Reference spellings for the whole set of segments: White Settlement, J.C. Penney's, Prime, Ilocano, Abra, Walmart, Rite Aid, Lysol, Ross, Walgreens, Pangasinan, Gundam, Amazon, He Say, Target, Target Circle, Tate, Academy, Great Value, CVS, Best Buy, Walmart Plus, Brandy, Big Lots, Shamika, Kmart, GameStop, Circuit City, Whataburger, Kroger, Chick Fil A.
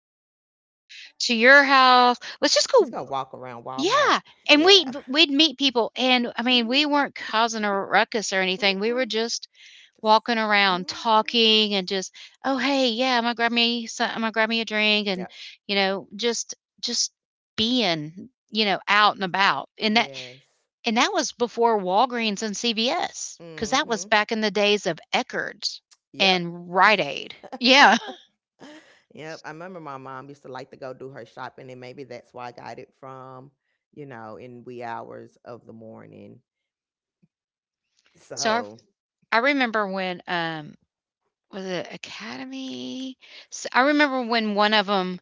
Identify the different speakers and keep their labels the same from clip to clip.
Speaker 1: I
Speaker 2: Mhm.
Speaker 1: don't wanna go back to your house. Let's just
Speaker 2: He's
Speaker 1: go.
Speaker 2: gonna walk around Walmart.
Speaker 1: Yeah, and we'd
Speaker 2: Yeah.
Speaker 1: we'd meet people, and, I mean, we
Speaker 2: mm
Speaker 1: weren't causing a ruckus or
Speaker 2: Mhm.
Speaker 1: anything, we were
Speaker 2: Mm-mm.
Speaker 1: just
Speaker 2: Just.
Speaker 1: walking around
Speaker 2: Mm Mhm.
Speaker 1: talking and just, "Oh, hey, yeah, I'm gonna grab me a drink," and,
Speaker 2: Yep.
Speaker 1: you know, just being, you know, out and about, and that
Speaker 2: Yes.
Speaker 1: and that was before Walgreens and CVS, because that was
Speaker 2: Mm-hmm.
Speaker 1: back in the days of Eckerd's
Speaker 2: Yep.
Speaker 1: and Rite Aid. Yeah.
Speaker 2: Yep, I remember my mom used to like to go do her shopping, and maybe that's why I got it from, you know, in wee hours of the morning.
Speaker 1: So I
Speaker 2: So,
Speaker 1: I remember when, was it Academy? S I remember when one of them.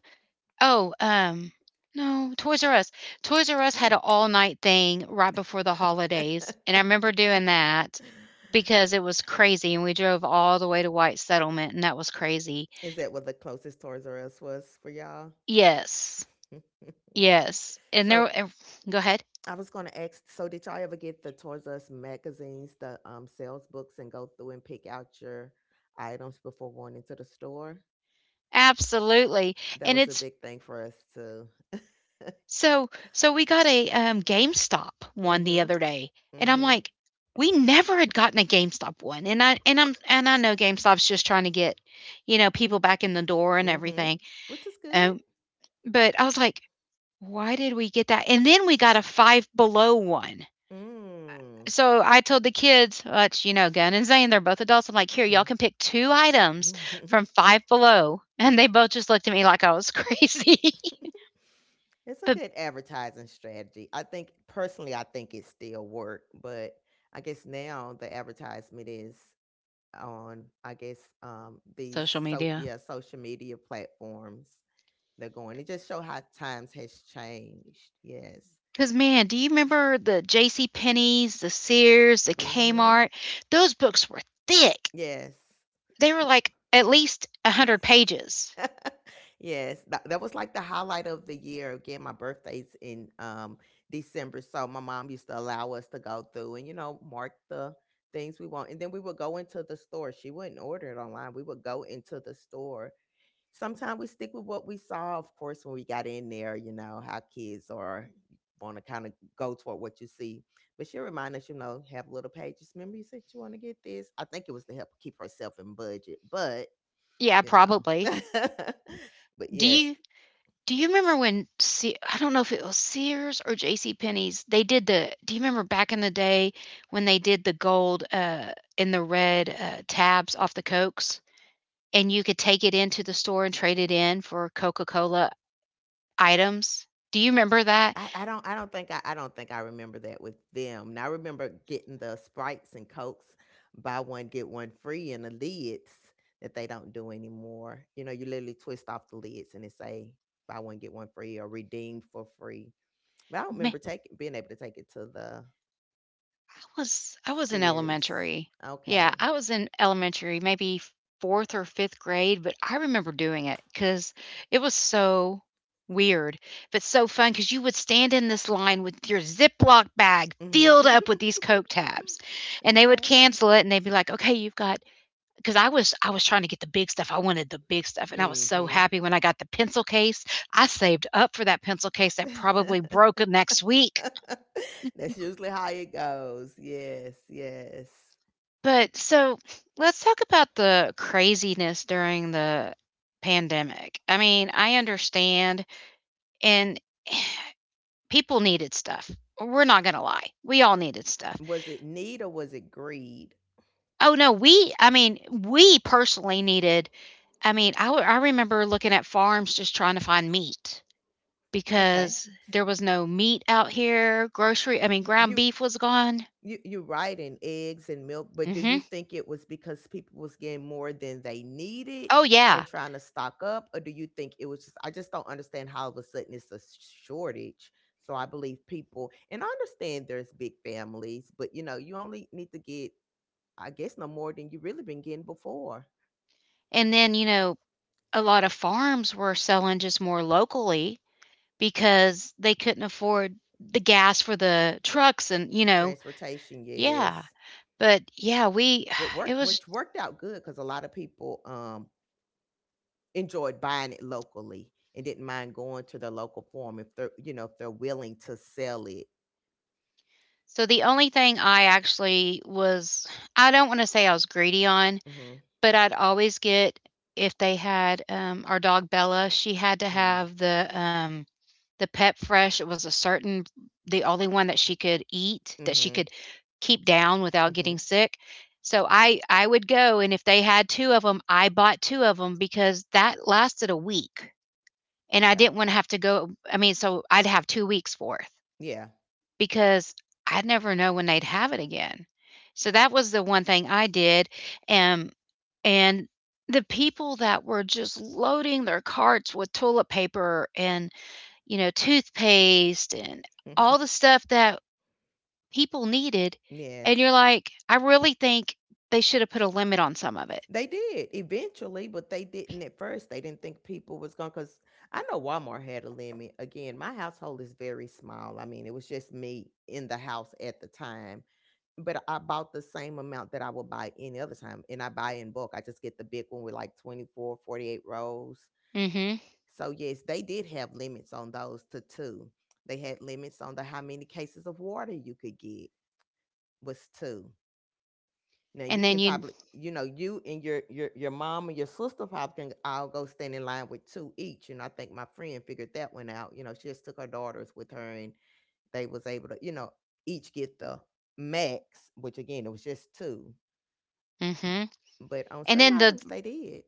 Speaker 1: oh, um, no, Toys R Us. Toys R Us had
Speaker 2: oh.
Speaker 1: an all-night thing right before the holidays, and I remember doing that because it was crazy, and we drove all the way to White Settlement, and that was crazy.
Speaker 2: Is that what the closest Toys R Us was for y'all?
Speaker 1: Yes. Yes. And
Speaker 2: So,
Speaker 1: there w Go ahead.
Speaker 2: I was going to ask so, did y'all ever get the Toys R Us magazines, the sales books, and go through and pick out your items before going into the store?
Speaker 1: Absolutely,
Speaker 2: That
Speaker 1: and
Speaker 2: was a
Speaker 1: it's
Speaker 2: big thing for us, too.
Speaker 1: so we got a, GameStop
Speaker 2: Mm
Speaker 1: one the
Speaker 2: hmm.
Speaker 1: other day, and
Speaker 2: Mm
Speaker 1: I'm
Speaker 2: hmm.
Speaker 1: like, "We never had gotten a GameStop one," and I and I'm and I know GameStop's just trying to get, you know, people back in the door and
Speaker 2: Mm hmm.
Speaker 1: everything,
Speaker 2: Which is good.
Speaker 1: um, but I was like, "Why did we get that?" And then we got a Five Below one.
Speaker 2: Mm.
Speaker 1: So I told the kids, which, you know, Gun and Zane, they're both adults, I'm like, "Here, y'all
Speaker 2: Mm.
Speaker 1: can pick 2 items from Five Below," and they both just looked at me like I was crazy.
Speaker 2: It's a
Speaker 1: But
Speaker 2: good advertising strategy. I think personally, I think it still work, but I guess now the advertisement is on. I guess these
Speaker 1: social
Speaker 2: so
Speaker 1: media.
Speaker 2: yeah social media platforms they're going. It just show how times has changed. Yes.
Speaker 1: Because, man, do you remember the J.C. Penney's, the Sears, the
Speaker 2: Mm-hmm.
Speaker 1: Kmart? Those books were thick.
Speaker 2: Yes.
Speaker 1: They were like at least a hundred pages.
Speaker 2: Yes, that was like the highlight of the year. Again, my birthday's in December, so my mom used to allow us to go through and you know mark the things we want, and then we would go into the store. She wouldn't order it online. We would go into the store. Sometimes we stick with what we saw, of course, when we got in there. You know how kids are want to kind of go toward what you see. But she reminded us, you know, have little pages. Remember, you said you want to get this. I think it was to help keep herself in budget, but
Speaker 1: Yeah,
Speaker 2: you know.
Speaker 1: probably.
Speaker 2: But
Speaker 1: Do
Speaker 2: yes,
Speaker 1: you do you remember when I don't know if it was Sears or J.C. Penney's? They did the. Do you remember back in the day when they did the gold and the red tabs off the cokes, and you could take it into the store and trade it in for Coca Cola items? Do you remember that?
Speaker 2: I don't think I don't think I remember that with them. Now I remember getting the Sprites and Cokes buy one get one free and the lids that they don't do anymore. You know, you literally twist off the lids and it say buy one get one free or redeemed for free. But I don't
Speaker 1: Ma-
Speaker 2: remember taking being able to take it to the
Speaker 1: I was in
Speaker 2: Sears.
Speaker 1: elementary. Yeah, I
Speaker 2: Okay.
Speaker 1: was in elementary, maybe 4th or 5th grade, but I remember doing it because it was so weird, but so fun. Because you would stand in this line with your Ziploc bag filled up with these Coke tabs, and they would
Speaker 2: Okay.
Speaker 1: cancel it, and they'd be like, "Okay, you've got" "got." Because I was trying to get the big stuff, I wanted the big stuff, and I was so
Speaker 2: Mhm.
Speaker 1: happy when I got the pencil case. I saved up for that pencil case that probably broke next week.
Speaker 2: That's usually how it goes. Yes, yes.
Speaker 1: But so let's talk about the craziness during the pandemic. I mean, I understand and people needed stuff. We're not going to lie. We all needed stuff.
Speaker 2: Was it need or was it greed?
Speaker 1: Oh no, we I mean, we personally needed I mean, I remember looking at farms just trying to find meat
Speaker 2: Okay.
Speaker 1: because there was no meat out here. Grocery, I mean, ground
Speaker 2: You
Speaker 1: beef was gone.
Speaker 2: you right in eggs and milk, but do you
Speaker 1: Mhm.
Speaker 2: think it was because people was getting more than they needed
Speaker 1: Oh
Speaker 2: and
Speaker 1: yeah.
Speaker 2: trying to stock up? Or do you think it was just I just don't understand how all of a sudden it's a shortage. So I believe people and I understand there's big families, but you know, you only need to get I guess no more than you really been getting before.
Speaker 1: And then, you know, a lot of farms were selling just more locally because they couldn't afford the gas for the trucks and, you know,
Speaker 2: Transportation,
Speaker 1: yeah.
Speaker 2: yes.
Speaker 1: But yeah, we
Speaker 2: What
Speaker 1: it
Speaker 2: worked
Speaker 1: was
Speaker 2: which worked out good because a lot of people enjoyed buying it locally and didn't mind going to the local farm if they're you know if they're willing to sell it.
Speaker 1: so the only thing I actually was, I don't wanna say I was greedy on,
Speaker 2: Mm-hmm.
Speaker 1: but I'd always get if they had, our dog Bella, she had to
Speaker 2: Mm-hmm.
Speaker 1: have the Pep Fresh, it was a certain the only one that she could eat, that she
Speaker 2: Mm-hmm.
Speaker 1: could keep down without
Speaker 2: Hmm.
Speaker 1: getting sick. So I would go, and if they had 2 of them, I bought 2 of them because that lasted a week, and I
Speaker 2: Okay.
Speaker 1: didn't wanna have to go, I mean, so I'd have 2 weeks' worth
Speaker 2: Yeah.
Speaker 1: because I'd never know when they'd have it again. So that was the one thing I did, and and the people that were just loading their carts with toilet paper and, you know, toothpaste and all the stuff that people needed. And you're
Speaker 2: Yes
Speaker 1: like, I really think they should have put a limit on some of it.
Speaker 2: they did eventually but they didn't at first they didn't think people was going because I know Walmart had a limit again my household is very small I mean it was just me in the house at the time but I bought the same amount that I would buy any other time. And I buy in bulk. I just get the big one with like 24, 48 rows.
Speaker 1: Mm-hmm.
Speaker 2: So, yes, they did have limits on those to two. They had limits on the how many cases of water you could get was two. Now
Speaker 1: And
Speaker 2: you
Speaker 1: then
Speaker 2: can
Speaker 1: you,
Speaker 2: probably, you know, you and your mom and your sister probably can all go stand in line with two each. And I think my friend figured that one out. You know, she just took her daughters with her and they was able to, you know, each get the max, which again it was just two.
Speaker 1: hmm,
Speaker 2: But on
Speaker 1: and
Speaker 2: certain
Speaker 1: then the
Speaker 2: items, they did.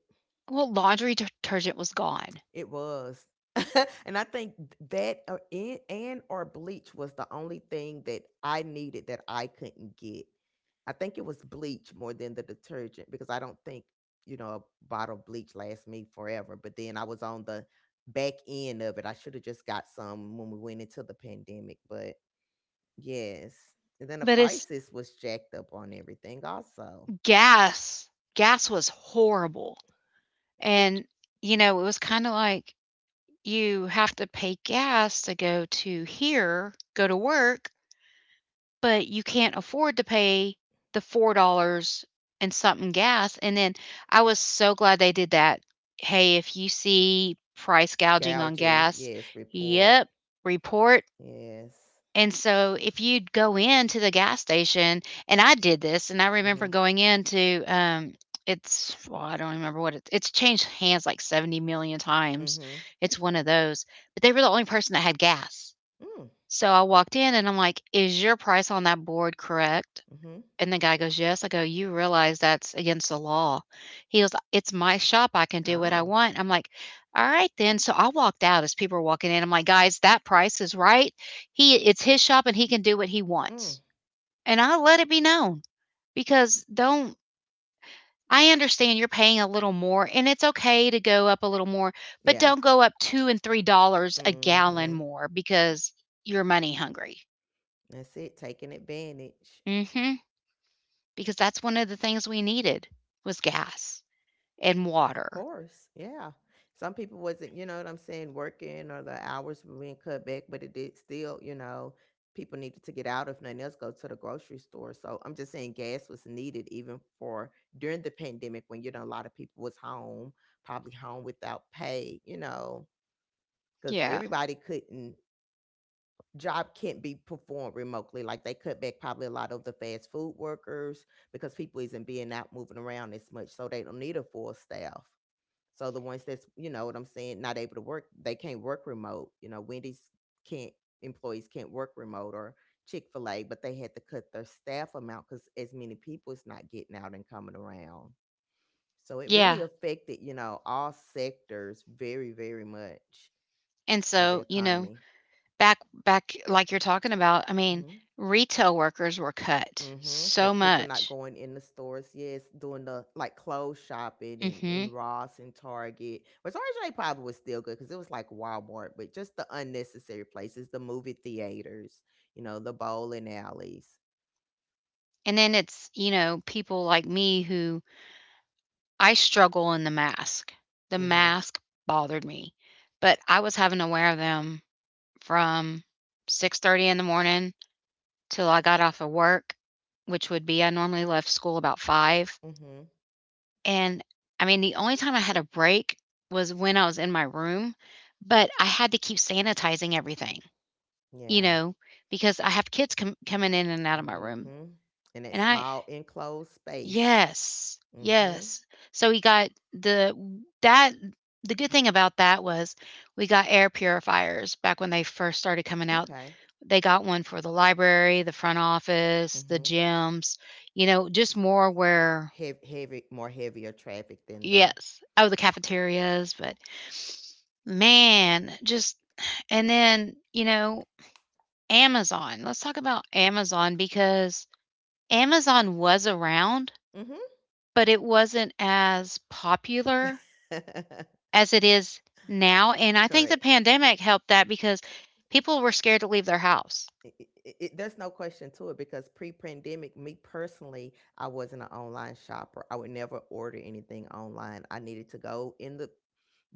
Speaker 1: well, laundry detergent was gone,
Speaker 2: It was. And I think that or and or bleach was the only thing that I needed that I couldn't get. I think it was bleach more than the detergent because I don't think, you know, a bottle of bleach lasts me forever. But then I was on the back end of it. I should have just got some when we went into the pandemic. But yes. And then the
Speaker 1: but it's
Speaker 2: prices was jacked up on everything also.
Speaker 1: gas. Gas was horrible. And, you know, it was kind of like you have to pay gas to go to here, go to work, but you can't afford to pay the $4 and something gas, and then I was so glad they did that. "Hey, if you see price gouging on
Speaker 2: Gouging,
Speaker 1: gas."
Speaker 2: yes, report.
Speaker 1: Yep, report.
Speaker 2: Yes.
Speaker 1: And so if you'd go into the gas station, and I did this, and I remember
Speaker 2: Hmm.
Speaker 1: going into, it's well, I don't remember what it it's changed hands like 70 million times.
Speaker 2: Mhm.
Speaker 1: It's one of those, but they were the only person that had gas.
Speaker 2: Mm.
Speaker 1: So I walked in and I'm like, "Is your price on that board correct?"
Speaker 2: Mhm.
Speaker 1: And the guy goes, "Yes." I go, "You realize that's against the law." He goes, "It's my shop. I can do what I
Speaker 2: Oh.
Speaker 1: want." I'm like, "All right then." So I walked out as people were walking in. I'm like, "Guys, that price is right. He It's his shop and he can do what he
Speaker 2: Mm.
Speaker 1: wants." And I let it be known because don't I understand you're paying a little more and it's okay to go up a little more, but
Speaker 2: Yeah.
Speaker 1: don't go up 2 and 3 dollars a gallon
Speaker 2: Mhm.
Speaker 1: more because you're money hungry.
Speaker 2: That's it. Taking advantage.
Speaker 1: Mhm. Because that's one of the things we needed was gas and
Speaker 2: Of
Speaker 1: water.
Speaker 2: course. Yeah. Some people wasn't, you know what I'm saying, working or the hours were being cut back, but it did still, you know, people needed to get out if nothing else, go to the grocery store. So I'm just saying gas was needed even for during the pandemic when, you know, a lot of people was home, probably home without pay, you know, because
Speaker 1: Yeah.
Speaker 2: everybody couldn't job can't be performed remotely. Like they cut back probably a lot of the fast food workers because people isn't being out moving around as much, so they don't need a full staff. So the ones that's you know what I'm saying, not able to work, they can't work remote. You know, Wendy's can't employees can't work remote or Chick Fil A, but they had to cut their staff amount because as many people is not getting out and coming around. So it really
Speaker 1: Yeah.
Speaker 2: affected you know all sectors very much
Speaker 1: And
Speaker 2: of the
Speaker 1: so, you know,
Speaker 2: economy.
Speaker 1: back back like you're talking about,
Speaker 2: Mm-hmm.
Speaker 1: retail workers were cut
Speaker 2: Mm-hmm.
Speaker 1: so
Speaker 2: Because people not
Speaker 1: much.
Speaker 2: going in the stores, yes, doing the, like, clothes shopping and
Speaker 1: hmm
Speaker 2: in Ross and Target, but Target they probably was still good because it was like Walmart, but just the unnecessary places, the movie theaters, you know, the bowling alleys.
Speaker 1: And then it's, people like me who I struggle in the mask. The
Speaker 2: Mhm,
Speaker 1: mask bothered me, but I was having to wear them from 6:30 in the morning till I got off of work, which would be I normally left school about 5.
Speaker 2: mhm,
Speaker 1: And, the only time I had a break was when I was in my room, but I had to keep sanitizing everything, you
Speaker 2: yeah,
Speaker 1: know, because I have kids com coming in and out of my room,
Speaker 2: mhm, and that
Speaker 1: and I
Speaker 2: small enclosed space.
Speaker 1: yes,
Speaker 2: Mhm,
Speaker 1: yes. So we got the that the good thing about that was we got air purifiers back when they first started coming out.
Speaker 2: okay,
Speaker 1: They got one for the library, the front office, the
Speaker 2: mhm,
Speaker 1: gyms, just more where
Speaker 2: heav heavy more heavier traffic than the
Speaker 1: yes. Oh, the cafeterias, but man, just and then, you know, Amazon. Let's talk about Amazon because Amazon was around,
Speaker 2: mhm.
Speaker 1: but it wasn't as popular as it is now, and I think the
Speaker 2: Correct.
Speaker 1: pandemic helped that because people were scared to leave their house.
Speaker 2: it, it, there's no question to it because pre-pandemic me personally I wasn't an online shopper I would never order anything online I needed to go in the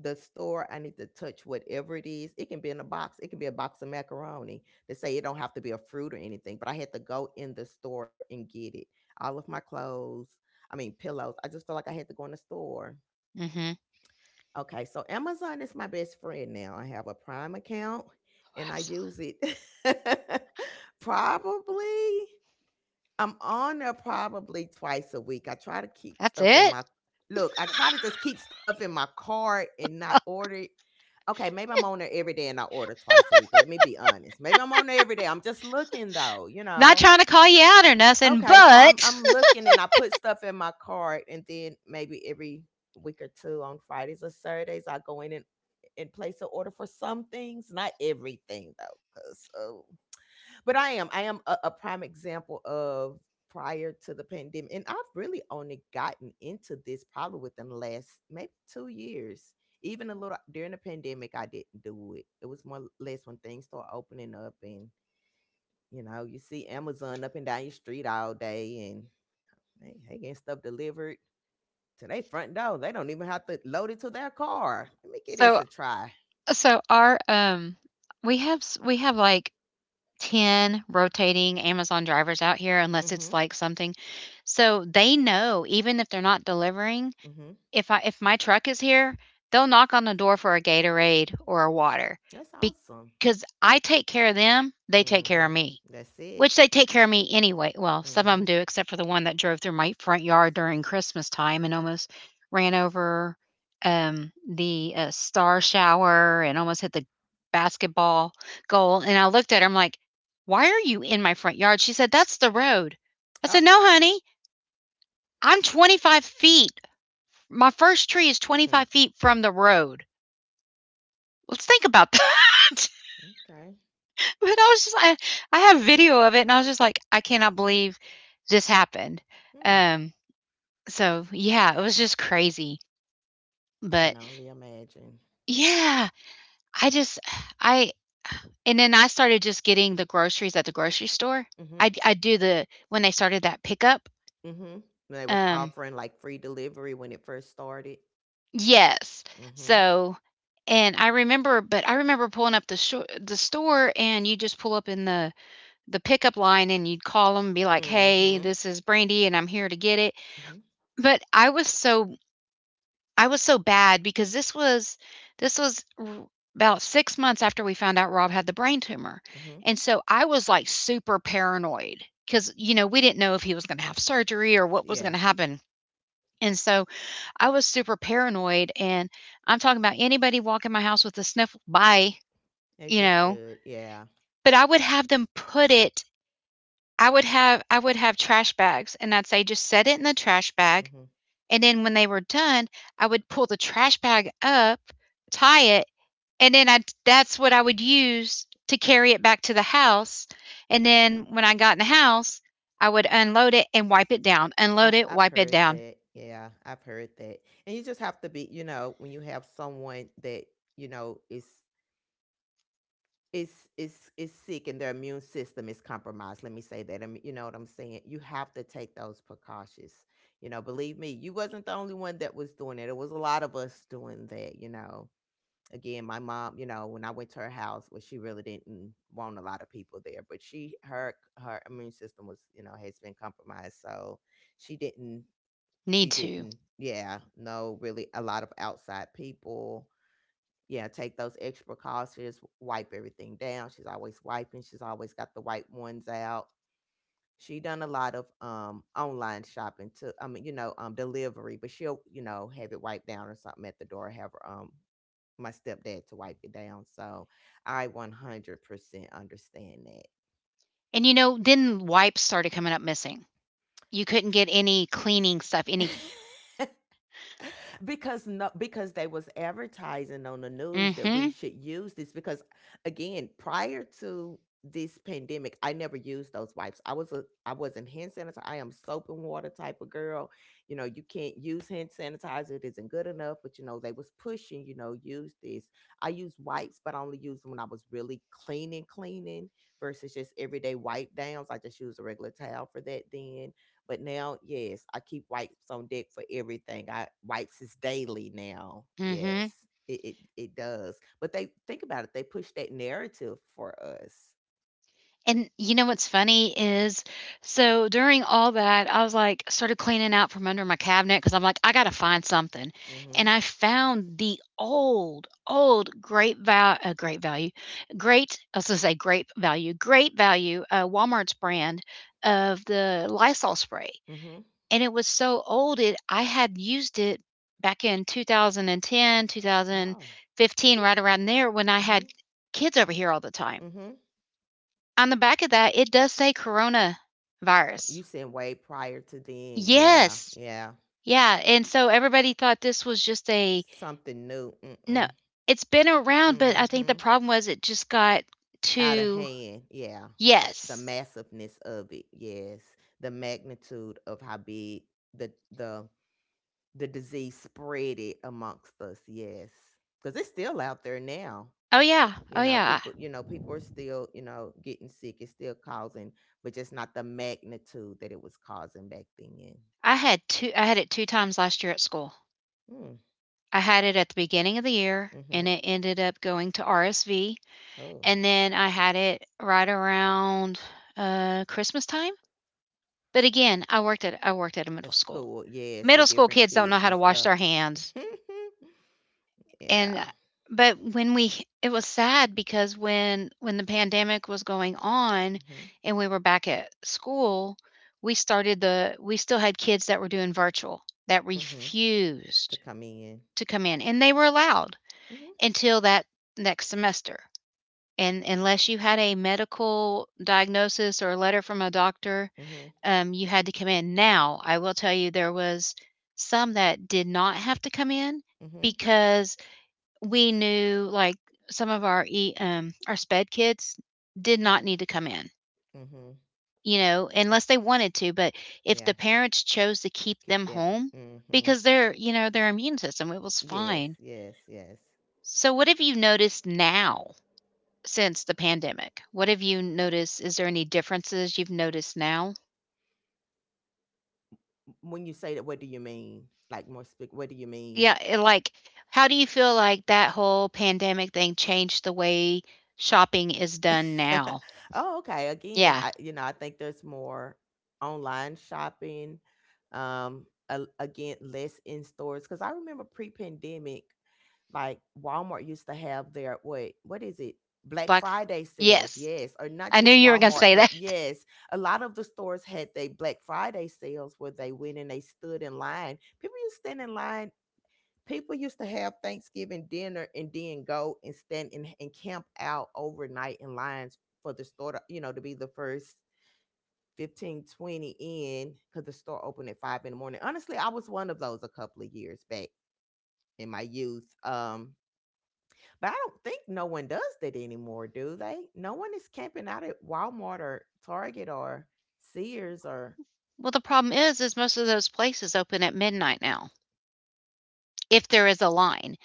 Speaker 2: the store I need to touch whatever it is it can be in a box it can be a box of macaroni they say it don't have to be a fruit or anything but I had to go in the store and get it all of my clothes I mean pillows I just felt like I had to go in the store.
Speaker 1: Mhm.
Speaker 2: Okay, so Amazon is my best friend now. I have a Prime account and I use
Speaker 1: Absolutely.
Speaker 2: it. Probably, I'm on there probably twice a week. I try to keep
Speaker 1: That's
Speaker 2: stuff in
Speaker 1: it.
Speaker 2: my look, I try to just keep stuff in my cart and not order it. Okay, maybe I'm on there every day and I order twice a week. Let me be honest. Maybe I'm on there every day. I'm just looking though, you
Speaker 1: Not
Speaker 2: know.
Speaker 1: trying to call you out or nothing,
Speaker 2: Okay, so I'm
Speaker 1: but
Speaker 2: I'm looking and I put stuff in my cart and then maybe every week or two on Fridays or Saturdays I go in and place an order for some things, not everything though, cause oh, but I am a prime example of prior to the pandemic, and I've really only gotten into this probably within the last maybe 2 years. Even a little during the pandemic, I didn't do it. It was more or less when things start opening up and you see Amazon up and down your street all day, and they getting stuff delivered to their front door. They don't even have to load it to their car. Let me give this
Speaker 1: So
Speaker 2: a try.
Speaker 1: so our we have like 10 rotating Amazon drivers out here unless it's
Speaker 2: Mm-hmm.
Speaker 1: like something. So they know even if they're not delivering,
Speaker 2: Mm-hmm.
Speaker 1: if my truck is here, they'll knock on the door for a Gatorade or a water
Speaker 2: That's awesome.
Speaker 1: because I take care of them, they take care
Speaker 2: Mm-hmm.
Speaker 1: of me.
Speaker 2: That's it.
Speaker 1: Which they take care of me anyway, well, some of them
Speaker 2: Mm-hmm.
Speaker 1: do, except for the one that drove through my front yard during Christmas time and almost ran over, the, star shower and almost hit the basketball goal, and I looked at her, I'm like, "Why are you in my front yard?" She said, "That's the road." I
Speaker 2: Oh.
Speaker 1: said, "No, honey, I'm 25 feet. My first tree is
Speaker 2: Hmm.
Speaker 1: 25 feet from the road." Let's think about that.
Speaker 2: Okay.
Speaker 1: But I was just I have video of it, and I was just like, "I cannot believe this happened."
Speaker 2: Hmm.
Speaker 1: Um, so yeah, it was just crazy.
Speaker 2: Can
Speaker 1: But
Speaker 2: only imagine.
Speaker 1: yeah, I just I and then I started just getting the groceries at the grocery store.
Speaker 2: Mm-hmm.
Speaker 1: I do the when they started that pickup.
Speaker 2: Mm-hmm. They was
Speaker 1: Um,
Speaker 2: offering like free delivery when it first started.
Speaker 1: yes.
Speaker 2: Mm-hmm.
Speaker 1: So and I remember but I remember pulling up the store and you just pull up in the pickup line and you'd call them, be like, "Hey,
Speaker 2: Mm-hmm.
Speaker 1: this is Brandy and I'm here to get it."
Speaker 2: Mm-hmm.
Speaker 1: But I was so bad because this was r about 6 months after we found out Rob had the brain tumor,
Speaker 2: Mm-hmm.
Speaker 1: and so I was, like, super paranoid because we didn't know if he was gonna have surgery or what was
Speaker 2: Yeah.
Speaker 1: gonna happen, and so I was super paranoid, and I'm talking about anybody walking my house with a sniffle, bye,
Speaker 2: As
Speaker 1: you
Speaker 2: you
Speaker 1: know?
Speaker 2: should. Yeah.
Speaker 1: But I would have them put it I would have trash bags, and I'd say, "Just set it in the trash bag."
Speaker 2: Mm-hmm.
Speaker 1: And then when they were done, I would pull the trash bag up, tie it, and then I that's what I would use to carry it back to the house. And then when I got in the house, I would unload it and wipe it down.
Speaker 2: I've
Speaker 1: Unload it,
Speaker 2: I've
Speaker 1: wipe it
Speaker 2: heard
Speaker 1: down.
Speaker 2: that. Yeah, I've heard that. And you just have to be, you know, when you have someone that, is is sick and their immune system is compromised. Let me say that. I mean, you know what I'm saying? You have to take those precautions. You know, believe me, you wasn't the only one that was doing it. It was a lot of us doing that, you know. Again, my mom, you know, when I went to her house, well, she really didn't want a lot of people there, but she her her immune system was, you know, has been compromised. So, she didn't she
Speaker 1: Need to.
Speaker 2: didn't yeah, no, really a lot of outside people, yeah, take those extra calls. She just wipe everything down. She's always wiping. She's always got the white ones out. She done a lot of online shopping to I mean, delivery, but she'll, have it wiped down or something at the door, have her my stepdad to wipe it down. So I 100% understand
Speaker 1: And you know, then wipes started coming up missing. You couldn't get any cleaning stuff, any
Speaker 2: that. Because no, because they was advertising on the news that we
Speaker 1: mhm,
Speaker 2: should use this. Because again, prior to this pandemic, I never used those wipes. I wasn't hand sanitizer, I am soap and water type of girl. You know, you can't use hand sanitizer, it isn't good enough, but they was pushing, use this. I use wipes, but I only used them when I was really cleaning cleaning, versus just everyday wipe downs. I just use a regular towel for that then. But now, yes, I keep wipes on deck for everything. I wipes is daily now.
Speaker 1: mhm.
Speaker 2: Yes. It does. But they think about it, they push that narrative for us.
Speaker 1: And you know what's funny is, so during all that, I was like started cleaning out from under my cabinet because I'm like, I gotta find something,
Speaker 2: Mm-hmm.
Speaker 1: and I found the old, old Great Value, Great. I was gonna say Grape Value, Great Value, Walmart's brand of the Lysol spray,
Speaker 2: Mm-hmm.
Speaker 1: and it was so old it I had used it back in 2010,
Speaker 2: Oh.
Speaker 1: 2015, right around there when I
Speaker 2: Mm-hmm.
Speaker 1: had kids over here all the time.
Speaker 2: Mm-hmm.
Speaker 1: On the back of that, it does say coronavirus.
Speaker 2: You said way prior to then, yeah,
Speaker 1: Yes.
Speaker 2: yeah.
Speaker 1: Yeah. And so everybody thought this was just a
Speaker 2: Something new.
Speaker 1: no,
Speaker 2: Mm-mm.
Speaker 1: it's been around, but I think the
Speaker 2: Mm-hmm.
Speaker 1: problem was it just got
Speaker 2: Out of
Speaker 1: too
Speaker 2: hand, yeah. The
Speaker 1: yes.
Speaker 2: massiveness of it, yes. The magnitude of how big the the the disease spread it amongst us, yes, because it's still out there now.
Speaker 1: Oh yeah. Oh yeah.
Speaker 2: People, people are still, getting sick. It's still causing, but just not the magnitude that it was causing back then.
Speaker 1: I had it two times last year at school.
Speaker 2: Mm.
Speaker 1: I had it at the beginning of the year and
Speaker 2: Mm-hmm.
Speaker 1: it ended up going to RSV
Speaker 2: Oh.
Speaker 1: and then I had it right around Christmas time. But again, I worked at a
Speaker 2: At
Speaker 1: middle school.
Speaker 2: school, yes,
Speaker 1: Middle
Speaker 2: with
Speaker 1: school
Speaker 2: different
Speaker 1: kids don't know
Speaker 2: kids
Speaker 1: how
Speaker 2: and
Speaker 1: to wash
Speaker 2: stuff.
Speaker 1: their hands, and
Speaker 2: Yeah.
Speaker 1: but when we it was sad because when the pandemic was going on
Speaker 2: Mm-hmm.
Speaker 1: and we were back at school, we started the we still had kids that were doing virtual that
Speaker 2: Mm-hmm. To
Speaker 1: refused
Speaker 2: come in.
Speaker 1: to come in, and they were allowed
Speaker 2: Mm-hmm.
Speaker 1: until that next semester. And unless you had a medical diagnosis or a letter from a doctor,
Speaker 2: Mm-hmm.
Speaker 1: you had to come in. Now, I will tell you there was some that did not have to come in
Speaker 2: Mm-hmm.
Speaker 1: because we knew like some of our e our sped kids did not need to come in,
Speaker 2: Mm-hmm.
Speaker 1: you know, unless they wanted to. But if
Speaker 2: Yeah,
Speaker 1: the parents chose to keep
Speaker 2: keep
Speaker 1: them
Speaker 2: them.
Speaker 1: home
Speaker 2: Mm-hmm.
Speaker 1: because their, you know, their immune system, it was
Speaker 2: Yes,
Speaker 1: fine.
Speaker 2: yes, yes.
Speaker 1: So what have you noticed now? Since the pandemic, what have you noticed? Is there any differences you've noticed now?
Speaker 2: When you say that, what do you mean? Like more speak, what do you mean?
Speaker 1: Yeah, and, like, how do you feel like that whole pandemic thing changed the way shopping is done now?
Speaker 2: Oh, okay. Again,
Speaker 1: Yeah,
Speaker 2: I, I think there's more online shopping. Again, less in stores, because I remember pre-pandemic, like Walmart used to have their what? What is it? Black
Speaker 1: Black F
Speaker 2: Friday sales,
Speaker 1: yes,
Speaker 2: yes, or not
Speaker 1: I knew
Speaker 2: just
Speaker 1: you were gonna
Speaker 2: Walmart,
Speaker 1: say
Speaker 2: but
Speaker 1: that.
Speaker 2: yes, a lot of the stores had their Black Friday sales where they went and they stood in line. People used to stand in line. People used to have Thanksgiving dinner and then go and stand and camp out overnight in lines for the store, to, you know, to be the first 15, 20 in, because the store opened at 5 in the morning. Honestly, I was one of those a couple of years back in my youth. But I don't think no one does that anymore, do they? No one is camping out at Walmart or Target or Sears or.
Speaker 1: Well, the problem is most of those places open at midnight now. If there is a line.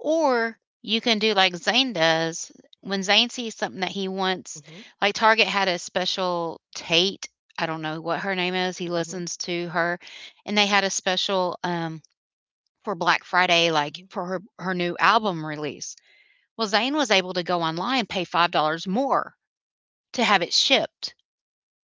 Speaker 1: Or you can do like Zane does. When Zane sees something that he wants,
Speaker 2: Hmm.
Speaker 1: like Target had a special Tate, I don't know what her name is, he
Speaker 2: Hmm.
Speaker 1: listens to her, and they had a special for Black Friday, like
Speaker 2: Hmm.
Speaker 1: for her, her new album release. Well, Zane was able to go online, pay $5 more to have it shipped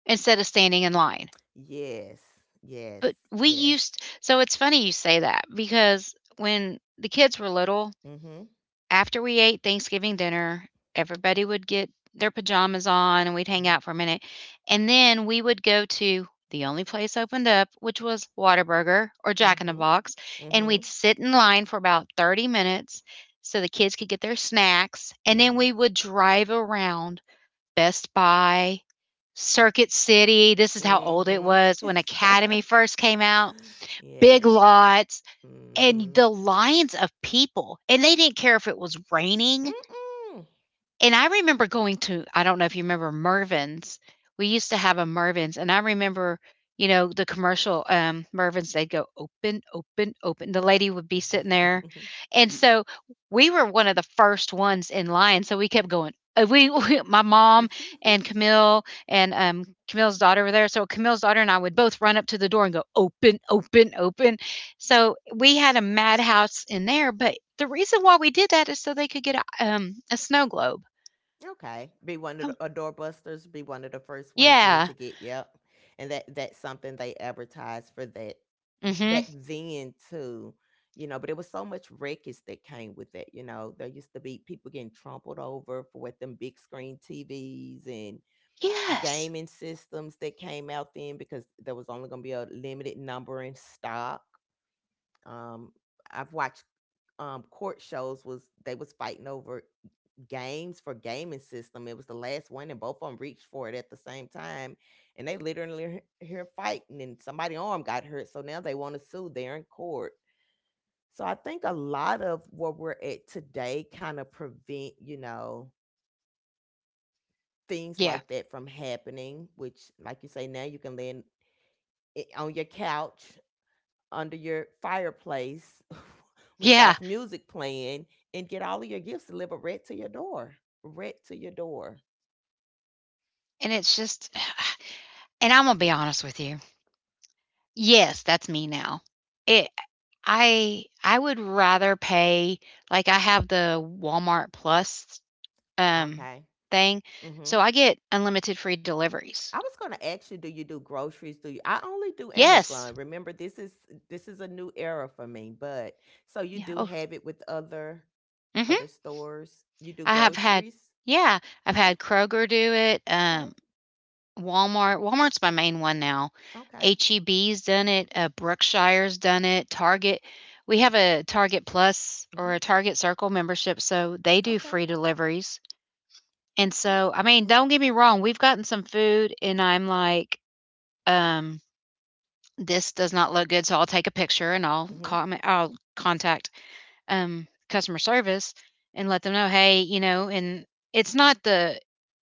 Speaker 1: instead of standing in line.
Speaker 2: Yes, yes,
Speaker 1: But we
Speaker 2: yes.
Speaker 1: used, so it's funny you say that because when the kids were little,
Speaker 2: Mm-hmm.
Speaker 1: after we ate Thanksgiving dinner, everybody would get their pajamas on and we'd hang
Speaker 2: Mm-hmm.
Speaker 1: out for a minute. And then we would go to the only place opened up, which was Whataburger or Jack in the
Speaker 2: Mm-hmm.
Speaker 1: Box. And
Speaker 2: Mm-hmm.
Speaker 1: we'd sit in line for about 30 minutes so the kids could get their snacks. And then
Speaker 2: Mhm.
Speaker 1: we would drive around Best Buy, Circuit City. This is how old it
Speaker 2: Mhm.
Speaker 1: was when Academy first came out.
Speaker 2: Yes.
Speaker 1: Big Lots and
Speaker 2: Mhm.
Speaker 1: the lines of people. And they didn't care if it was raining.
Speaker 2: Mm-mm.
Speaker 1: And I remember going to I don't know if you remember Mervin's. We used to have a Mervin's, and I remember, you know, the commercial, Mervin's, they'd go, "Open, open, open." The lady would be sitting there, and so we were one of the first ones in line, so we kept going. We we my mom and Camille and, Camille's daughter were there, so Camille's daughter and I would both run up to the door and go, "Open, open, open." So we had a madhouse in there, but the reason why we did that is so they could get a snow globe.
Speaker 2: Okay. Be one of
Speaker 1: Oh,
Speaker 2: the doorbusters. Be one of the first ones in
Speaker 1: yeah.
Speaker 2: to get. Yep. And that's something they advertised for that back
Speaker 1: Mhm.
Speaker 2: then too. You know, but it was so much wreckage that came with it. You know, there used to be people getting trampled over for what them big screen TVs and
Speaker 1: Yes.
Speaker 2: gaming systems that came out then, because there was only going to be a limited number in stock. Um, I've watched court shows was they was fighting over games for gaming system. It was the last one, and both of them reached for it at the same time, and they literally here fighting, and somebody's arm got hurt. So now they want to sue. They're in court. So I think a lot of where we're at today kind of prevent, you know, things
Speaker 1: Yeah.
Speaker 2: like that from happening. Which, like you say, now you can lend on your couch under your fireplace with
Speaker 1: Yeah,
Speaker 2: soft music playing and get all of your gifts delivered right to your door. Right to your door.
Speaker 1: and it's just and Imma be honest with you. Yes, that's me now. It I would rather pay like, I have the Walmart Plus, um,
Speaker 2: Okay.
Speaker 1: thing,
Speaker 2: Mm-hmm.
Speaker 1: so I get unlimited free deliveries.
Speaker 2: I was going to ask you do groceries? Do you? I only do
Speaker 1: Yes.
Speaker 2: Amazon. Remember, this is a new era for me. But so you
Speaker 1: Yeah,
Speaker 2: do
Speaker 1: oh
Speaker 2: have it with
Speaker 1: mhm.
Speaker 2: other stores. You do
Speaker 1: I have had
Speaker 2: groceries.
Speaker 1: yeah, I've
Speaker 2: Oh,
Speaker 1: had Kroger do it,
Speaker 2: okay,
Speaker 1: Walmart's my main one now.
Speaker 2: okay,
Speaker 1: H-E-B's done it, Brookshire's done it, Target we have a Target Plus or
Speaker 2: mm-hmm.
Speaker 1: a Target Circle membership, so they do
Speaker 2: Okay,
Speaker 1: free deliveries, and
Speaker 2: okay.
Speaker 1: so, I mean, don't get me wrong, we've gotten some food and I'm like, um, "This does not look good," so I'll take a picture and I'll
Speaker 2: Mm-hmm.
Speaker 1: comment I'll contact, customer service and let them know, "Hey," you know, and it's not the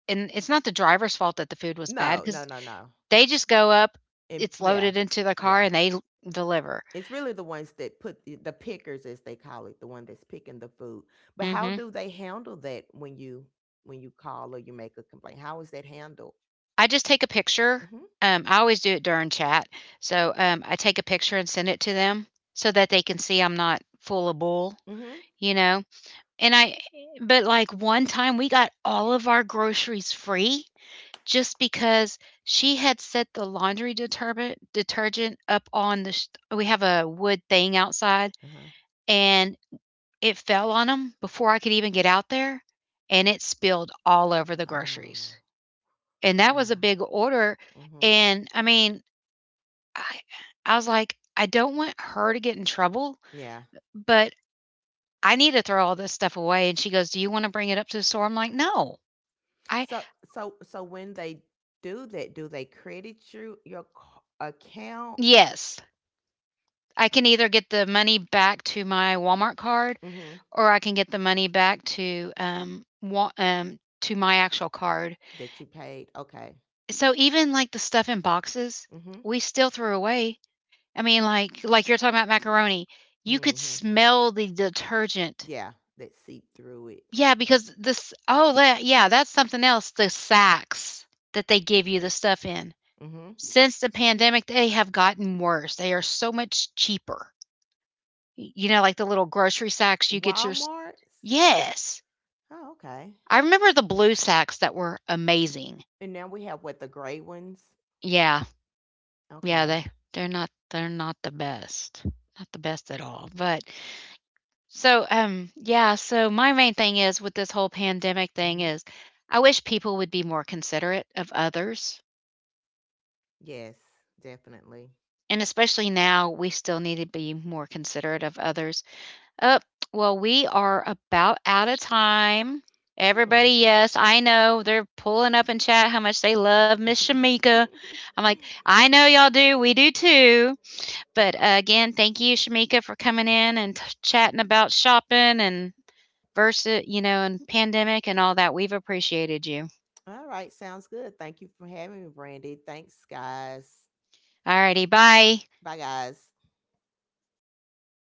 Speaker 1: and it's not the driver's fault that the food was bad
Speaker 2: No, no,
Speaker 1: because.
Speaker 2: no, no.
Speaker 1: They just go up,
Speaker 2: And
Speaker 1: it's
Speaker 2: yeah,
Speaker 1: loaded into the car,
Speaker 2: yeah.
Speaker 1: and deliver.
Speaker 2: It's really the ones that put the pickers, as they call it, the one that's picking the food. But how
Speaker 1: Hmm.
Speaker 2: do they handle that when you call or you make a complaint? How is that handled?
Speaker 1: I just take a picture.
Speaker 2: Mm-hmm.
Speaker 1: I always do it during chat. So I take a picture and send it to them so that they can see I'm not full of bull,
Speaker 2: Mm-hmm.
Speaker 1: you know? And I, but like one time we got all of our groceries free just because she had set the laundry detergent up on the sh- we have a wood thing outside
Speaker 2: Uh-huh.
Speaker 1: and it fell on them before I could even get out there, and it spilled all over the groceries.
Speaker 2: Oh,
Speaker 1: And that was a
Speaker 2: wow.
Speaker 1: big order,
Speaker 2: Mm-hmm.
Speaker 1: and, I I was like, "I don't want her to get in trouble,
Speaker 2: Yeah.
Speaker 1: but I need to throw all this stuff away," and she goes, "Do you wanna bring it up to the store?" I'm like, "No. I."
Speaker 2: So when they do that, do they credit you your account
Speaker 1: Yes. I can either get the money back to my Walmart card,
Speaker 2: hmm
Speaker 1: or I can get the money back to, Wa to my actual card.
Speaker 2: that you paid? Okay.
Speaker 1: So even, like, the stuff in boxes,
Speaker 2: Mm-hmm.
Speaker 1: we still threw away. Like you're talking about macaroni, you could
Speaker 2: Mm-hmm.
Speaker 1: smell the detergent.
Speaker 2: Yeah, that seep through it.
Speaker 1: Yeah, because this oh, that yeah, that's something else, the sacks that they give you the stuff in.
Speaker 2: Mm-hmm.
Speaker 1: Since the pandemic, they have gotten worse. They are so much cheaper. Y you know, like the little grocery sacks you get your s
Speaker 2: Walmart's.
Speaker 1: yes.
Speaker 2: Oh, okay.
Speaker 1: I remember the blue sacks that were amazing.
Speaker 2: And now we have what the gray ones.
Speaker 1: Yeah. Yeah,
Speaker 2: Okay.
Speaker 1: they're not the best. Not the best at all, but so, yeah, so my main thing is with this whole pandemic thing
Speaker 2: Hmm.
Speaker 1: is I wish people would be more considerate of others.
Speaker 2: Yes, definitely.
Speaker 1: And especially now, we still need to be more considerate of others. Oh, well, we are about out of time.
Speaker 2: Hmm.
Speaker 1: Everybody, yes, I know they're pulling up in chat how much they love Miss Shamika. I'm like, I know y'all do. We do too. But again, thank you, Shamika, for coming in and chatting about shopping and versus, you know, and pandemic and all that. We've appreciated you.
Speaker 2: All right. Sounds good. Thank you for having me, Brandy. Thanks, guys.
Speaker 1: All righty. Bye.
Speaker 2: Bye, guys.